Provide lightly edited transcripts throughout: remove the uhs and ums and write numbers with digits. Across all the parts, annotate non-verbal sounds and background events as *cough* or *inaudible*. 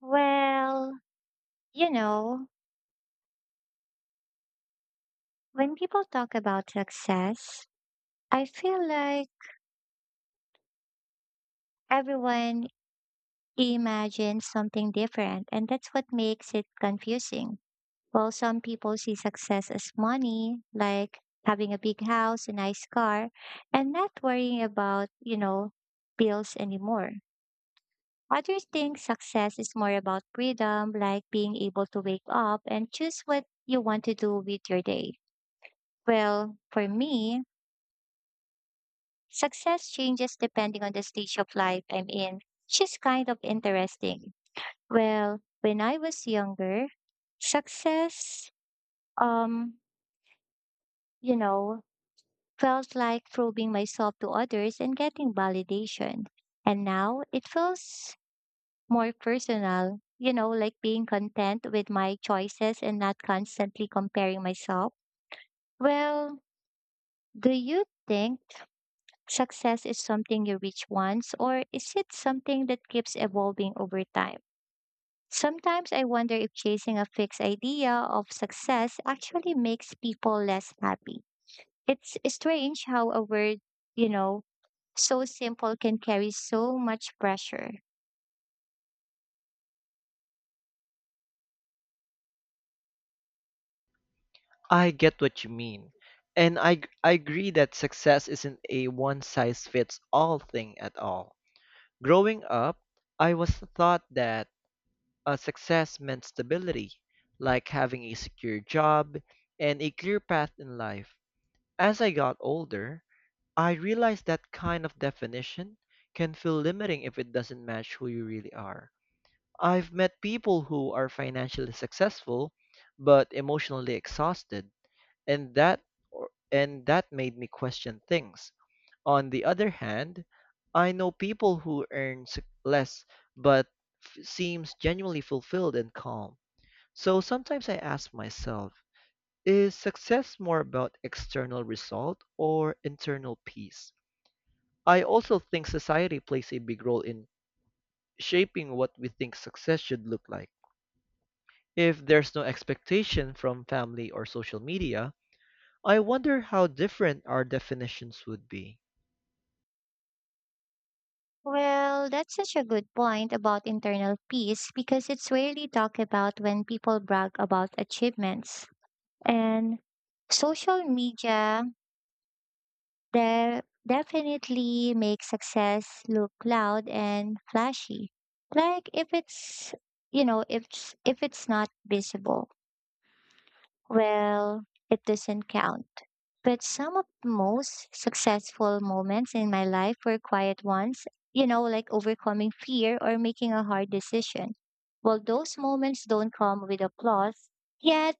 Well, you know, when people talk about success, I feel like everyone imagines something different, and that's what makes it confusing. Well, some people see success as money, like having a big house, a nice car, and not worrying about bills anymore. Others think success is more about freedom, like being able to wake up and choose what you want to do with your day. Well, for me, success changes depending on the stage of life I'm in, which is kind of interesting. Well, when I was younger, success, um, you know, felt like proving myself to others and getting validation. And now it feels more personal, like being content with my choices and not constantly comparing myself. Well, do you think success is something you reach once, or is it something that keeps evolving over time? Sometimes I wonder if chasing a fixed idea of success actually makes people less happy. It's strange how a word, you know, so simple can carry so much pressure. I get what you mean. And I agree that success isn't a one size fits all thing at all. Growing up, I was taught that success meant stability, like having a secure job and a clear path in life. As I got older, I realized that kind of definition can feel limiting if it doesn't match who you really are. I've met people who are financially successful but emotionally exhausted and that and that made me question things. On the other hand, I know people who less but seems genuinely fulfilled and calm. So sometimes I ask myself, is success more about external result or internal peace? I also think society plays a big role in shaping what we think success should look like. If there's no expectation from family or social media, I wonder how different our definitions would be. Well, that's such a good point about internal peace because it's rarely talked about when people brag about achievements. And social media, they definitely make success look loud and flashy. Like, if it's not visible, well, it doesn't count. But some of the most successful moments in my life were quiet ones, like overcoming fear or making a hard decision. Well, those moments don't come with applause, yet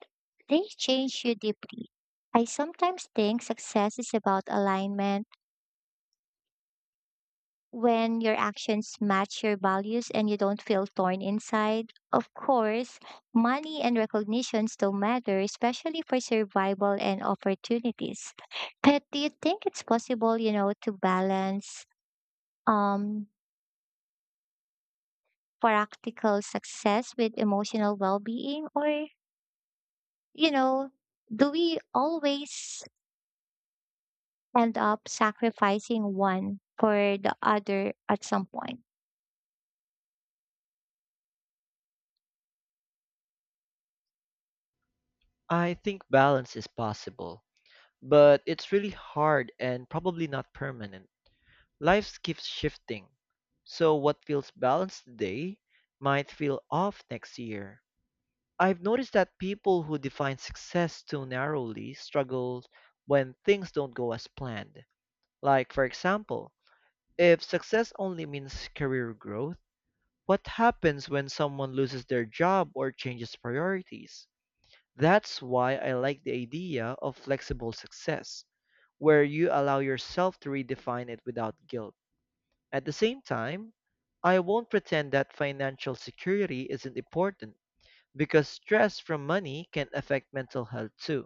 they change you deeply. I sometimes think success is about alignment when your actions match your values and you don't feel torn inside. Of course, money and recognition still matter, especially for survival and opportunities. But do you think it's possible, to balance um practical success with emotional well-being or, you know, do we always end up sacrificing one for the other at some point? I think balance is possible, but it's really hard and probably not permanent. Life keeps shifting, so what feels balanced today might feel off next year. I've noticed that people who define success too narrowly struggle when things don't go as planned. Like, for example, if success only means career growth, what happens when someone loses their job or changes priorities? That's why I like the idea of flexible success, where you allow yourself to redefine it without guilt. At the same time, I won't pretend that financial security isn't important because stress from money can affect mental health too.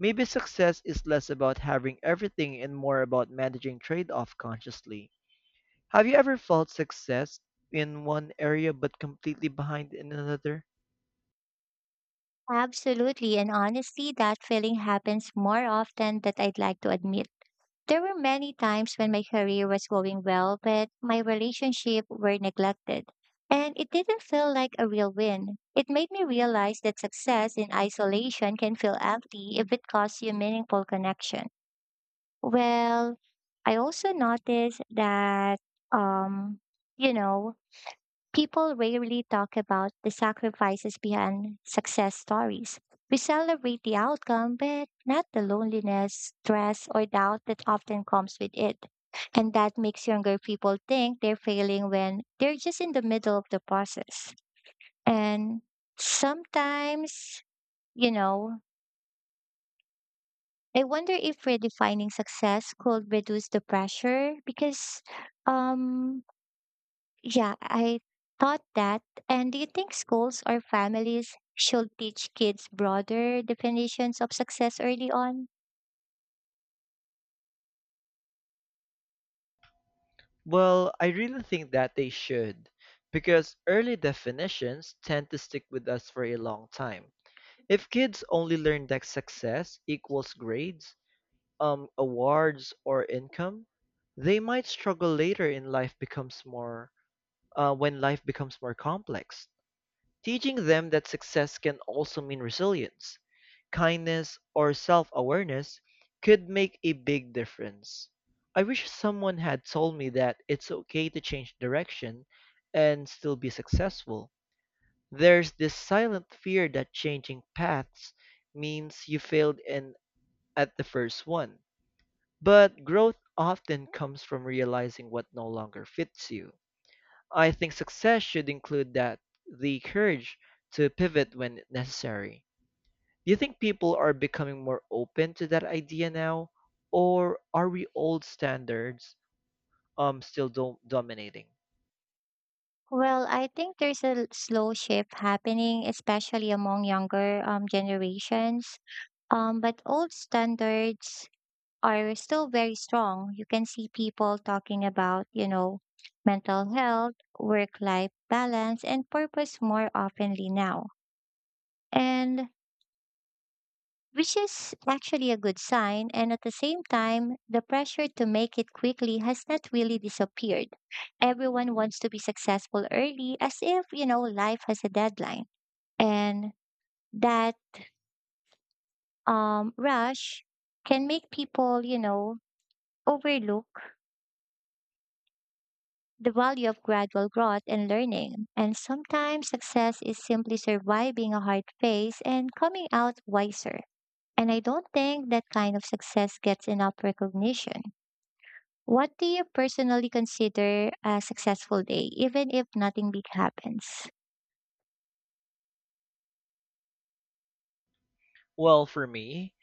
Maybe success is less about having everything and more about managing trade off consciously. Have you ever felt success in one area but completely behind in another? Absolutely, and honestly, that feeling happens more often than I'd like to admit. There were many times when my career was going well, but my relationship were neglected. And it didn't feel like a real win. It made me realize that success in isolation can feel empty if it costs you meaningful connection. Well, I also noticed that, um, you know, People rarely talk about the sacrifices behind success stories. We celebrate the outcome, but not the loneliness, stress, or doubt that often comes with it. And that makes younger people think they're failing when they're just in the middle of the process. And sometimes, you know, I wonder if redefining success could reduce the pressure because um Yeah, I thought that. And do you think schools or families should teach kids broader definitions of success early on? Well, I really think that they should, because early definitions tend to stick with us for a long time. If kids only learn that success equals grades, awards, or income, they might struggle later in life becomes more when life becomes more complex. Teaching them that success can also mean resilience, kindness, or self awareness could make a big difference. I wish someone had told me that it's okay to change direction and still be successful. There's this silent fear that changing paths means you failed in at the first one. But growth often comes from realizing what no longer fits you. I think success should include that the courage to pivot when necessary. Do you think people are becoming more open to that idea now, or are we old standards still dominating? Well, I think there's a slow shift happening, especially among younger generations. But old standards are still very strong. You can see people talking about mental health, work life balance, and purpose more oftenly now. And which is actually a good sign. And at the same time, the pressure to make it quickly has not really disappeared. Everyone wants to be successful early as if life has a deadline. And that rush can make people overlook the value of gradual growth and learning. And sometimes success is simply surviving a hard phase and coming out wiser. And I don't think that kind of success gets enough recognition. What do you personally consider a successful day, even if nothing big happens? Well, for me,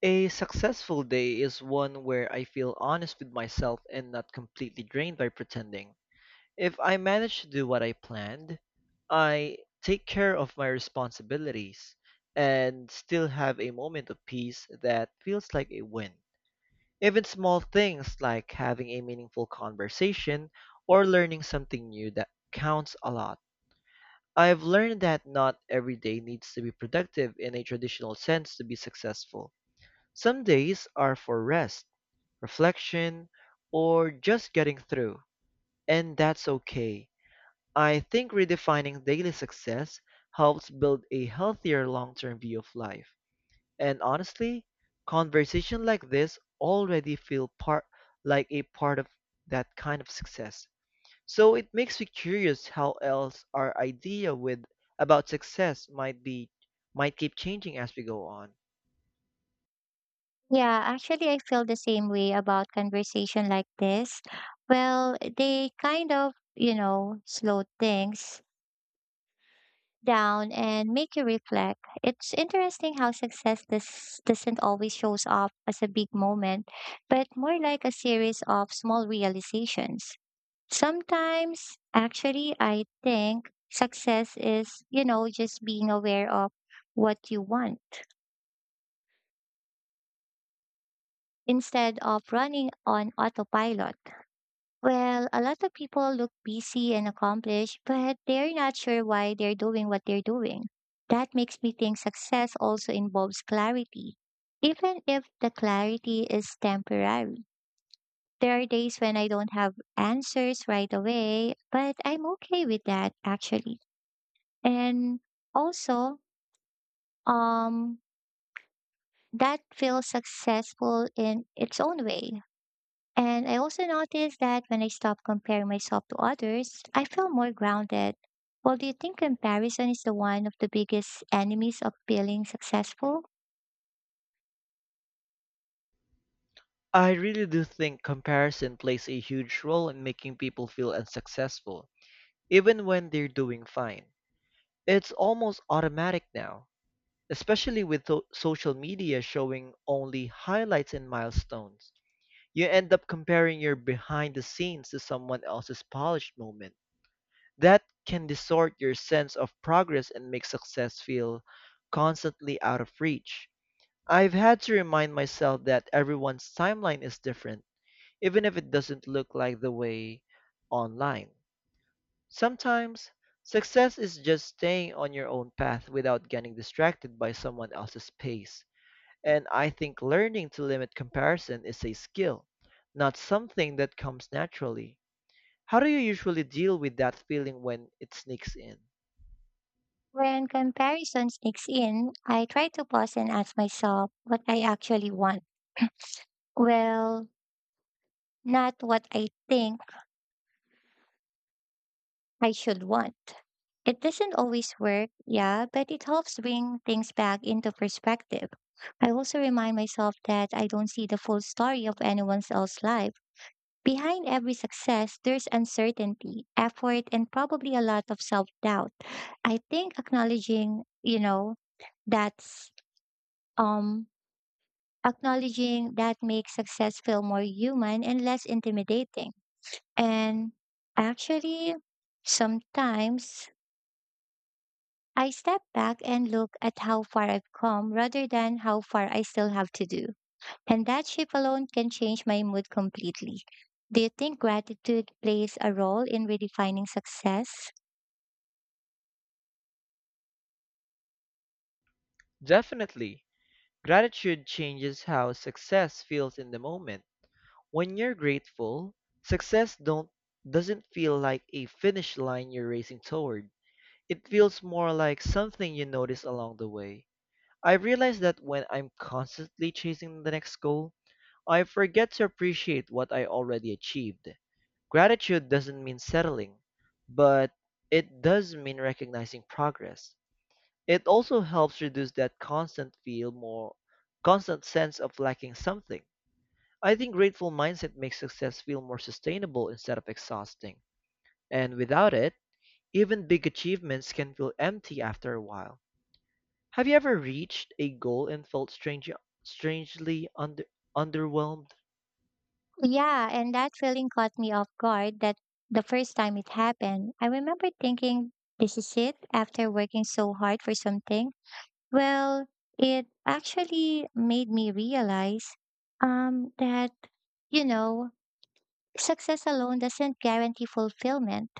a successful day is one where I feel honest with myself and not completely drained by pretending. If I manage to do what I planned, I take care of my responsibilities and still have a moment of peace that feels like a win. Even small things like having a meaningful conversation or learning something new that counts a lot. I've learned that not every day needs to be productive in a traditional sense to be successful. Some days are for rest, reflection, or just getting through, and that's okay. I think redefining daily success helps build a healthier long term view of life. And honestly, conversation like this already feel part like a part of that kind of success. So it makes me curious how else our idea with about success might keep changing as we go on. Yeah, actually, I feel the same way about conversation like this. Well, they kind of slow things down and make you reflect. It's interesting how success this doesn't always shows up as a big moment, but more like a series of small realizations. Sometimes, actually, I think success is just being aware of what you want instead of running on autopilot. Well, a lot of people look busy and accomplished, but they're not sure why they're doing what they're doing. That makes me think success also involves clarity. Even if the clarity is temporary, there are days when I don't have answers right away, but I'm okay with that actually. And also um that feels successful in its own way. And I also noticed that when I stop comparing myself to others, I feel more grounded. Well, do you think comparison is the one of the biggest enemies of feeling successful? I really do think comparison plays a huge role in making people feel unsuccessful, even when they're doing fine. It's almost automatic now, especially with social media showing only highlights and milestones. You end up comparing your behind the scenes to someone else's polished moment. That can distort your sense of progress and make success feel constantly out of reach. I've had to remind myself that everyone's timeline is different, even if it doesn't look like the way online. Sometimes, success is just staying on your own path without getting distracted by someone else's pace. And I think learning to limit comparison is a skill, not something that comes naturally. How do you usually deal with that feeling when it sneaks in? When comparison sneaks in, I try to pause and ask myself what I actually want. *clears throat* Well, not what I think I should want. It doesn't always work, yeah, but it helps bring things back into perspective. I also remind myself that I don't see the full story of anyone else's life. Behind every success, there's uncertainty, effort, and probably a lot of self doubt. I think that's um acknowledging that makes success feel more human and less intimidating. And actually, sometimes I step back and look at how far I've come rather than how far I still have to do. And that shift alone can change my mood completely. Do you think gratitude plays a role in redefining success? Definitely, gratitude changes how success feels in the moment. When you're grateful, success don't doesn't feel like a finish line you're racing toward. It feels more like something you notice along the way. I realize that when I'm constantly chasing the next goal, I forget to appreciate what I already achieved. Gratitude doesn't mean settling, but it does mean recognizing progress. It also helps reduce that constant feel more constant sense of lacking something. I think grateful mindset makes success feel more sustainable instead of exhausting. And without it, even big achievements can feel empty after a while. Have you ever reached a goal and felt strangely under, underwhelmed? Yeah, and that feeling caught me off guard that the first time it happened, I remember thinking, this is it after working so hard for something. Well, it actually made me realize um, that, you know, Success alone doesn't guarantee fulfillment.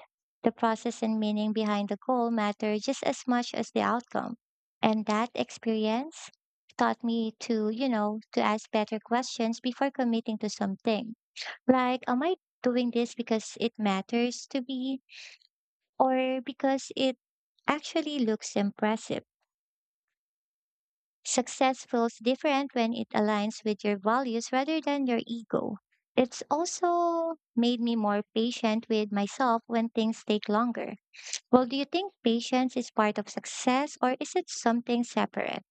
The process and meaning behind the goal matter just as much as the outcome. And that experience taught me to ask better questions before committing to something. Like, am I doing this because it matters to me or because it actually looks impressive? Success feels different when it aligns with your values rather than your ego. It's also made me more patient with myself when things take longer. Well, do you think patience is part of success or is it something separate?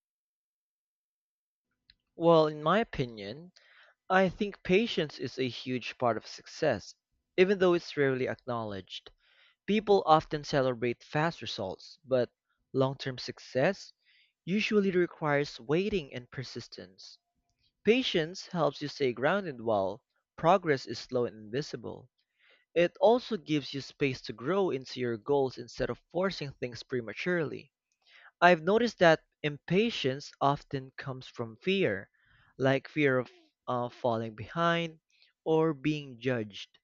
Well, in my opinion, I think patience is a huge part of success, even though it's rarely acknowledged. People often celebrate fast results, but long term success usually requires waiting and persistence. Patience helps you stay grounded while progress is slow and invisible. It also gives you space to grow into your goals instead of forcing things prematurely. I've noticed that impatience often comes from fear, like fear of falling behind or being judged.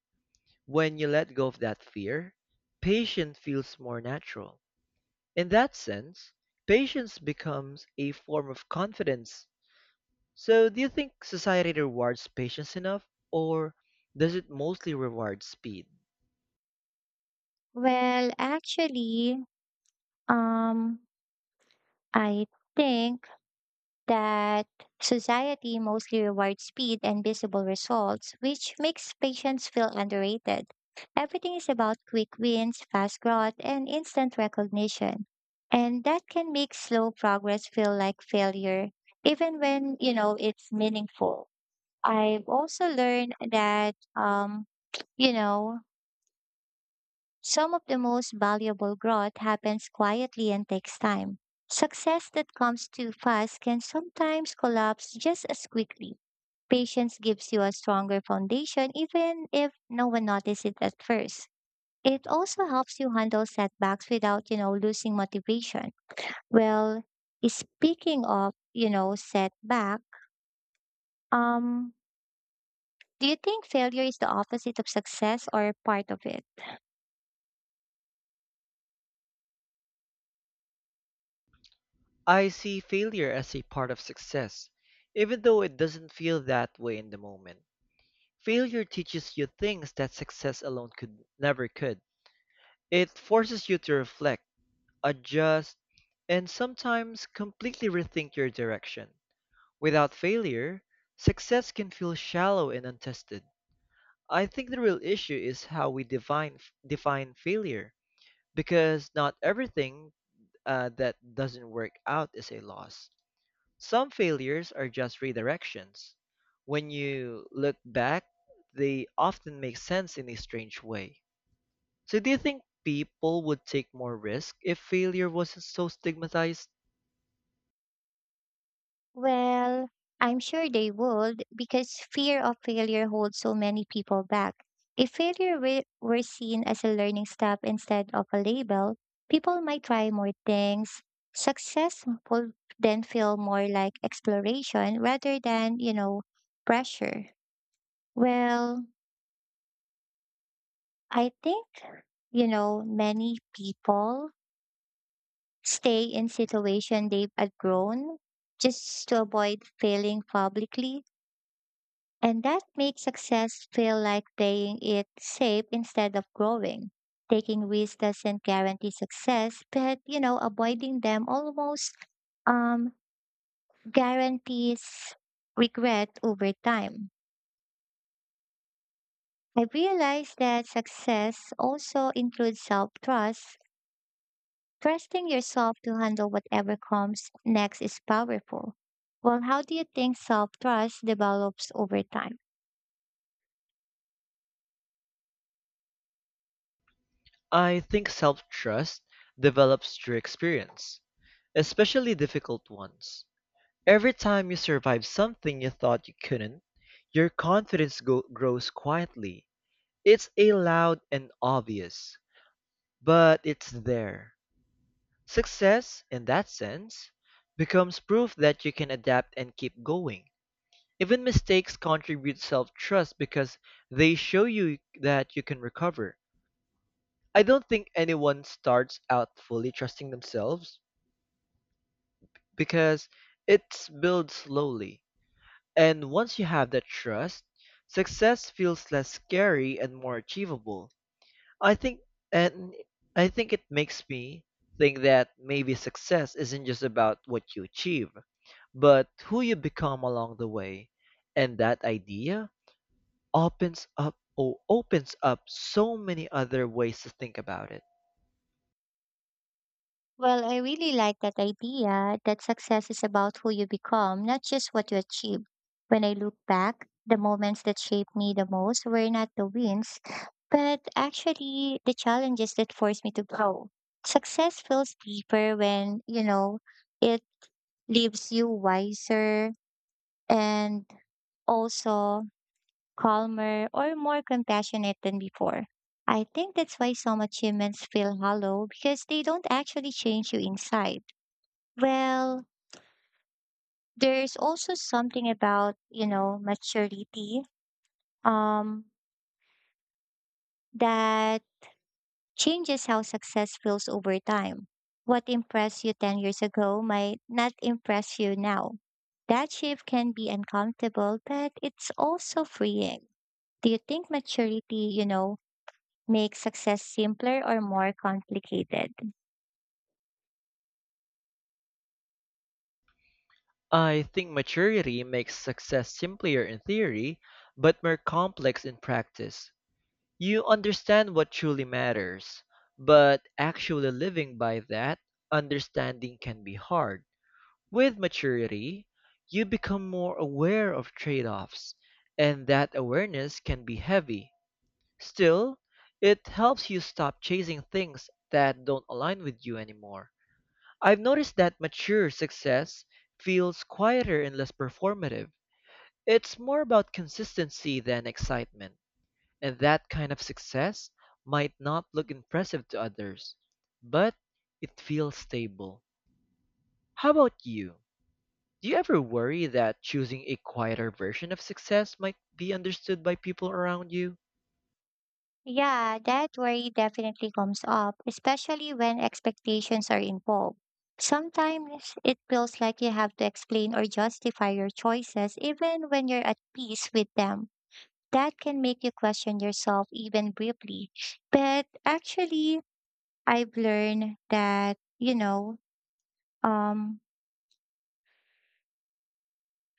When you let go of that fear, patience feels more natural. In that sense, patience becomes a form of confidence. So, do you think society rewards patience enough, or does it mostly reward speed? Well, actually, um, I think that society mostly rewards speed and visible results, which makes patients feel underrated. Everything is about quick wins, fast growth, and instant recognition. And that can make slow progress feel like failure, even when it's meaningful. I've also learned that, you know, some of the most valuable growth happens quietly and takes time. Success that comes too fast can sometimes collapse just as quickly. Patience gives you a stronger foundation even if no one notices it at first. It also helps you handle setbacks without losing motivation. Well, speaking of setback, um, do you think failure is the opposite of success or part of it? I see failure as a part of success, even though it doesn't feel that way in the moment. Failure teaches you things that success alone could never could. It forces you to reflect, adjust, and sometimes completely rethink your direction. Without failure, success can feel shallow and untested. I think the real issue is how we define failure, because not everything that doesn't work out is a loss. Some failures are just redirections. When you look back, they often make sense in a strange way. So, do you think people would take more risk if failure wasn't so stigmatized? Well, I'm sure they would because fear of failure holds so many people back. If failure were seen as a learning step instead of a label, people might try more things. Success would then feel more like exploration rather than pressure. Well, I think many people stay in situation they've outgrown just to avoid failing publicly. And that makes success feel like playing it safe instead of growing. Taking risks doesn't guarantee success, but avoiding them almost um, guarantees regret over time. I realized that success also includes self trust. Trusting yourself to handle whatever comes next is powerful. Well, how do you think self trust develops over time? I think self trust develops through experience, especially difficult ones. Every time you survive something you thought you couldn't, your grows quietly. It's a loud and obvious, but it's there. Success, in that sense, becomes proof that you can adapt and keep going. Even mistakes contribute self trust because they show you that you can recover. I don't think anyone starts out fully trusting themselves because it's built slowly. And once you have that trust, success feels less scary and more achievable. I think and I think it makes me think that maybe success isn't just about what you achieve, but who you become along the way. And that idea opens up so many other ways to think about it. Well, I really like that idea that success is about who you become, not just what you achieve. When I look back, the moments that shaped me the most were not the wins, but actually the challenges that forced me to grow. Success feels deeper when it leaves you wiser and also calmer or more compassionate than before. I think that's why some achievements feel hollow because they don't actually change you inside. Well, there's also something about maturity um that changes how success feels over time. What impressed you 10 years ago might not impress you now. That shift can be uncomfortable, but it's also freeing. Do you think maturity makes success simpler or more complicated? I think maturity makes success simpler in theory, but more complex in practice. You understand what truly matters, but actually living by that understanding can be hard. With maturity, you become more aware of trade offs, and that awareness can be heavy. Still, it helps you stop chasing things that don't align with you anymore. I've noticed that mature success feels quieter and less performative. It's more about consistency than excitement, and that kind of success might not look impressive to others, but it feels stable. How about you? Do you ever worry that choosing a quieter version of success might be understood by people around you? Yeah, that worry definitely comes up, especially when expectations are involved. Sometimes it feels like you have to explain or justify your choices even when you're at peace with them. That can make you question yourself even briefly. But actually, I've learned um,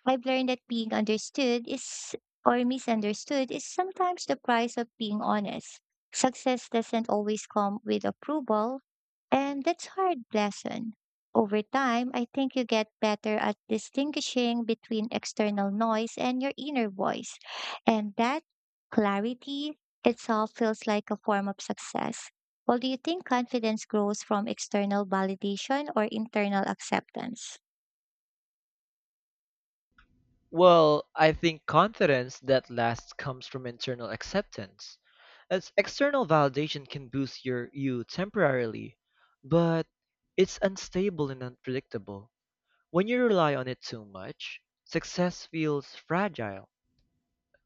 that being understood is or misunderstood is sometimes the price of being honest. Success doesn't always come with approval, and that's hard lesson. Over time, I think you get better at distinguishing between external noise and your inner voice. And that clarity itself feels like a form of success. Well, do you think confidence grows from external validation or internal acceptance? Well, I think confidence that lasts comes from internal acceptance. As external validation can boost you temporarily, but it's unstable and unpredictable. When you rely on it too much, success feels fragile.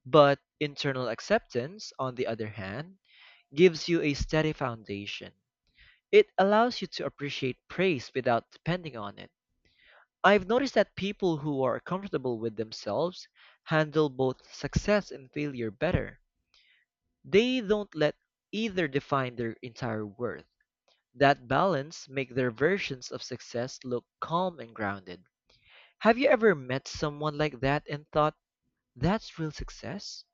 But internal acceptance, on the other hand, gives you a steady foundation. It allows you to appreciate praise without depending on it. I've noticed that people who are comfortable with themselves handle both success and failure better. They don't let either define their entire worth. That balance make their versions of success look calm and grounded. Have you ever met someone like that and thought, that's real success?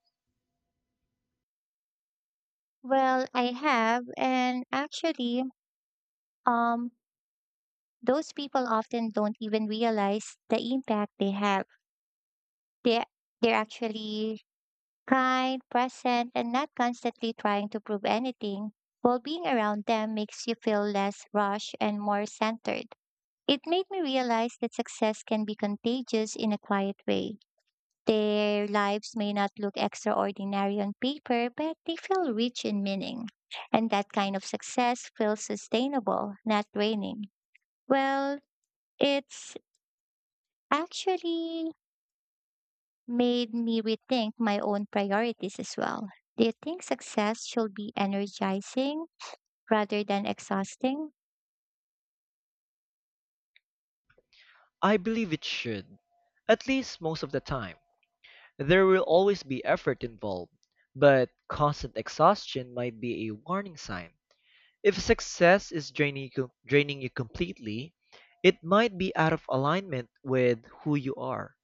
Well, I have, and actually, um, those people often don't even realize the impact they have. They they're actually kind, present, and not constantly trying to prove anything. While being around them makes you feel less rushed and more centered. It made me realize that success can be contagious in a quiet way. Their lives may not look extraordinary on paper, but they feel rich in meaning. And that kind of success feels sustainable, not draining. Well, it's actually made me rethink my own priorities as well. Do you think success should be energizing rather than exhausting? I believe it should. At least most of the time. There will always be effort involved, but constant exhaustion might be a warning sign. If success is draining you completely, it might be out of alignment with who you are.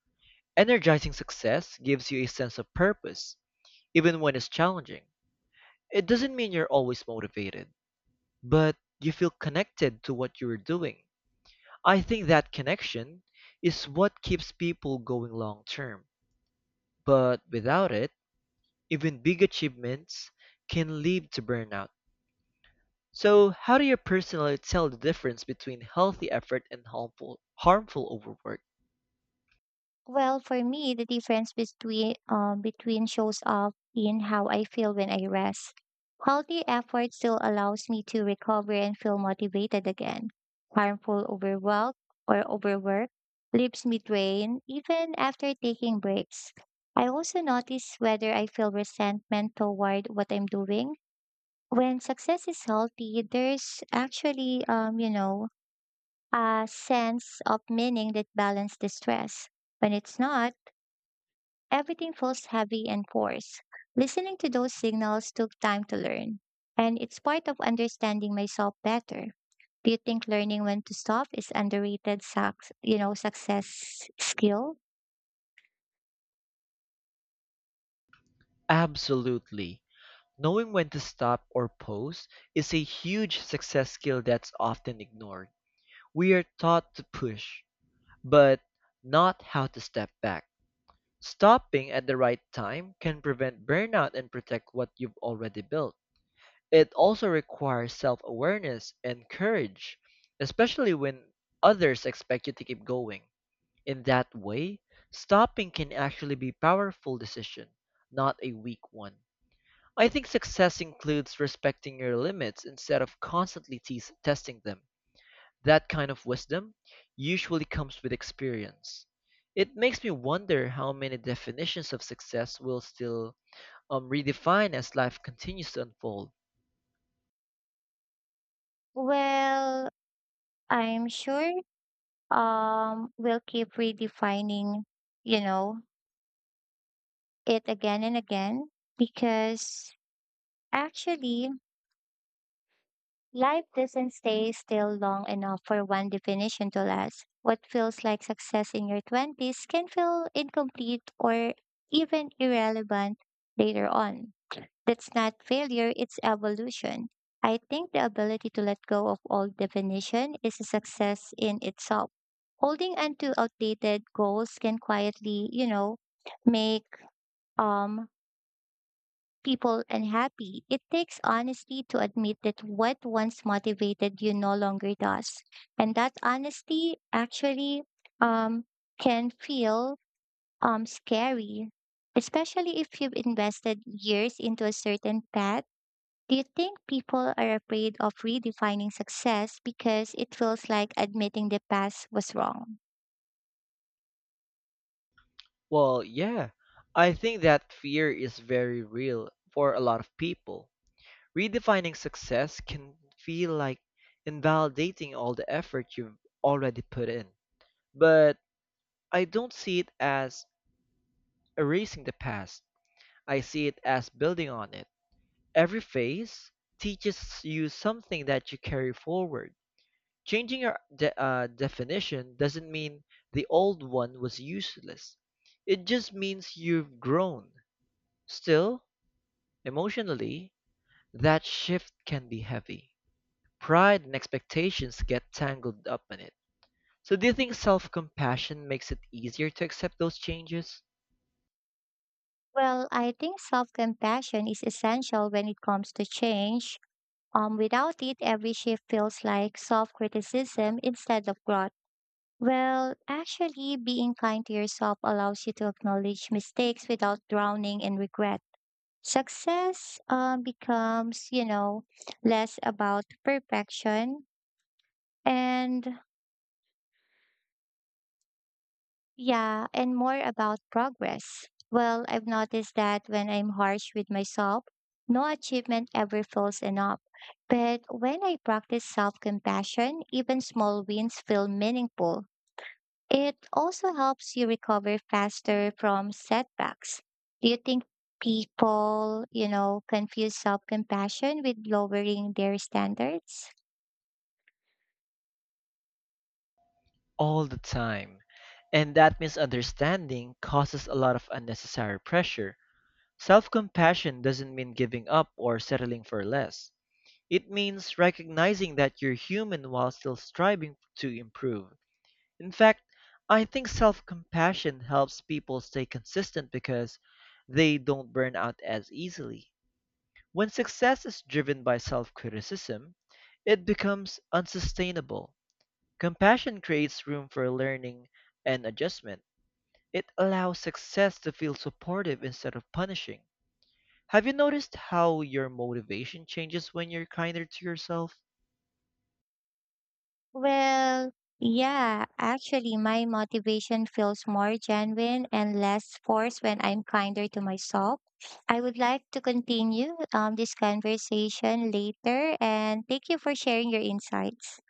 Energizing success gives you a sense of purpose, even when it's challenging. It doesn't mean you're always motivated, but you feel connected to what you're doing. I think that connection is what keeps people going long term. But without it, even big achievements can lead to burnout. So, how do you personally tell the difference between healthy effort and harmful overwork? Well, for me, the difference between shows up in how I feel when I rest. Healthy effort still allows me to recover and feel motivated again. Harmful overwork leaves me drained even after taking breaks. I also notice whether I feel resentment toward what I'm doing. When success is healthy, there's actually a sense of meaning that balance the stress. When it's not, everything feels heavy and forced. Listening to those signals took time to learn, and it's part of understanding myself better. Do you think learning when to stop is underrated success skill? Absolutely. Knowing when to stop or pause is a huge success skill that's often ignored. We are taught to push, but not how to step back. Stopping at the right time can prevent burnout and protect what you've already built. It also requires self-awareness and courage, especially when others expect you to keep going. In that way, stopping can actually be a powerful decision, not a weak one. I think success includes respecting your limits instead of constantly testing them. That kind of wisdom usually comes with experience. It makes me wonder how many definitions of success will still redefine as life continues to unfold. Well, I'm sure we'll keep redefining, you know, it again and again because actually life doesn't stay still long enough for one definition to last. What feels like success in your 20s can feel incomplete or even irrelevant later on. That's not failure, it's evolution. I think the ability to let go of old definition is a success in itself. Holding on to outdated goals can quietly make um people unhappy. It takes honesty to admit that what once motivated you no longer does. And that honesty actually um, can feel scary, especially if you've invested years into a certain path. Do you think people are afraid of redefining success because it feels like admitting the past was wrong? Well, yeah, I think that fear is very real for a lot of people. Redefining success can feel like invalidating all the effort you've already put in. But I don't see it as erasing the past, I see it as building on it. Every phase teaches you something that you carry forward. Changing your definition doesn't mean the old one was useless, it just means you've grown. Still, emotionally, that shift can be heavy. Pride and expectations get tangled up in it. So, do you think self compassion makes it easier to accept those changes? Well, I think self compassion is essential when it comes to change. Without it, every shift feels like self criticism instead of growth. Well, actually, being kind to yourself allows you to acknowledge mistakes without drowning in regret. Success becomes less about perfection and Yeah, and more about progress. Well, I've noticed that when I'm harsh with myself, no achievement ever feels enough. But when I practice self compassion, even small wins feel meaningful. It also helps you recover faster from setbacks. Do you think people confuse self compassion with lowering their standards? All the time. And that misunderstanding causes a lot of unnecessary pressure. Self compassion doesn't mean giving up or settling for less. It means recognizing that you're human while still striving to improve. In fact, I think self compassion helps people stay consistent because they don't burn out as easily. When success is driven by self criticism, it becomes unsustainable. Compassion creates room for learning and adjustment. It allows success to feel supportive instead of punishing. Have you noticed how your motivation changes when you're kinder to yourself? Well, yeah, actually, my motivation feels more genuine and less forced when I'm kinder to myself. I would like to continue this conversation later and thank you for sharing your insights.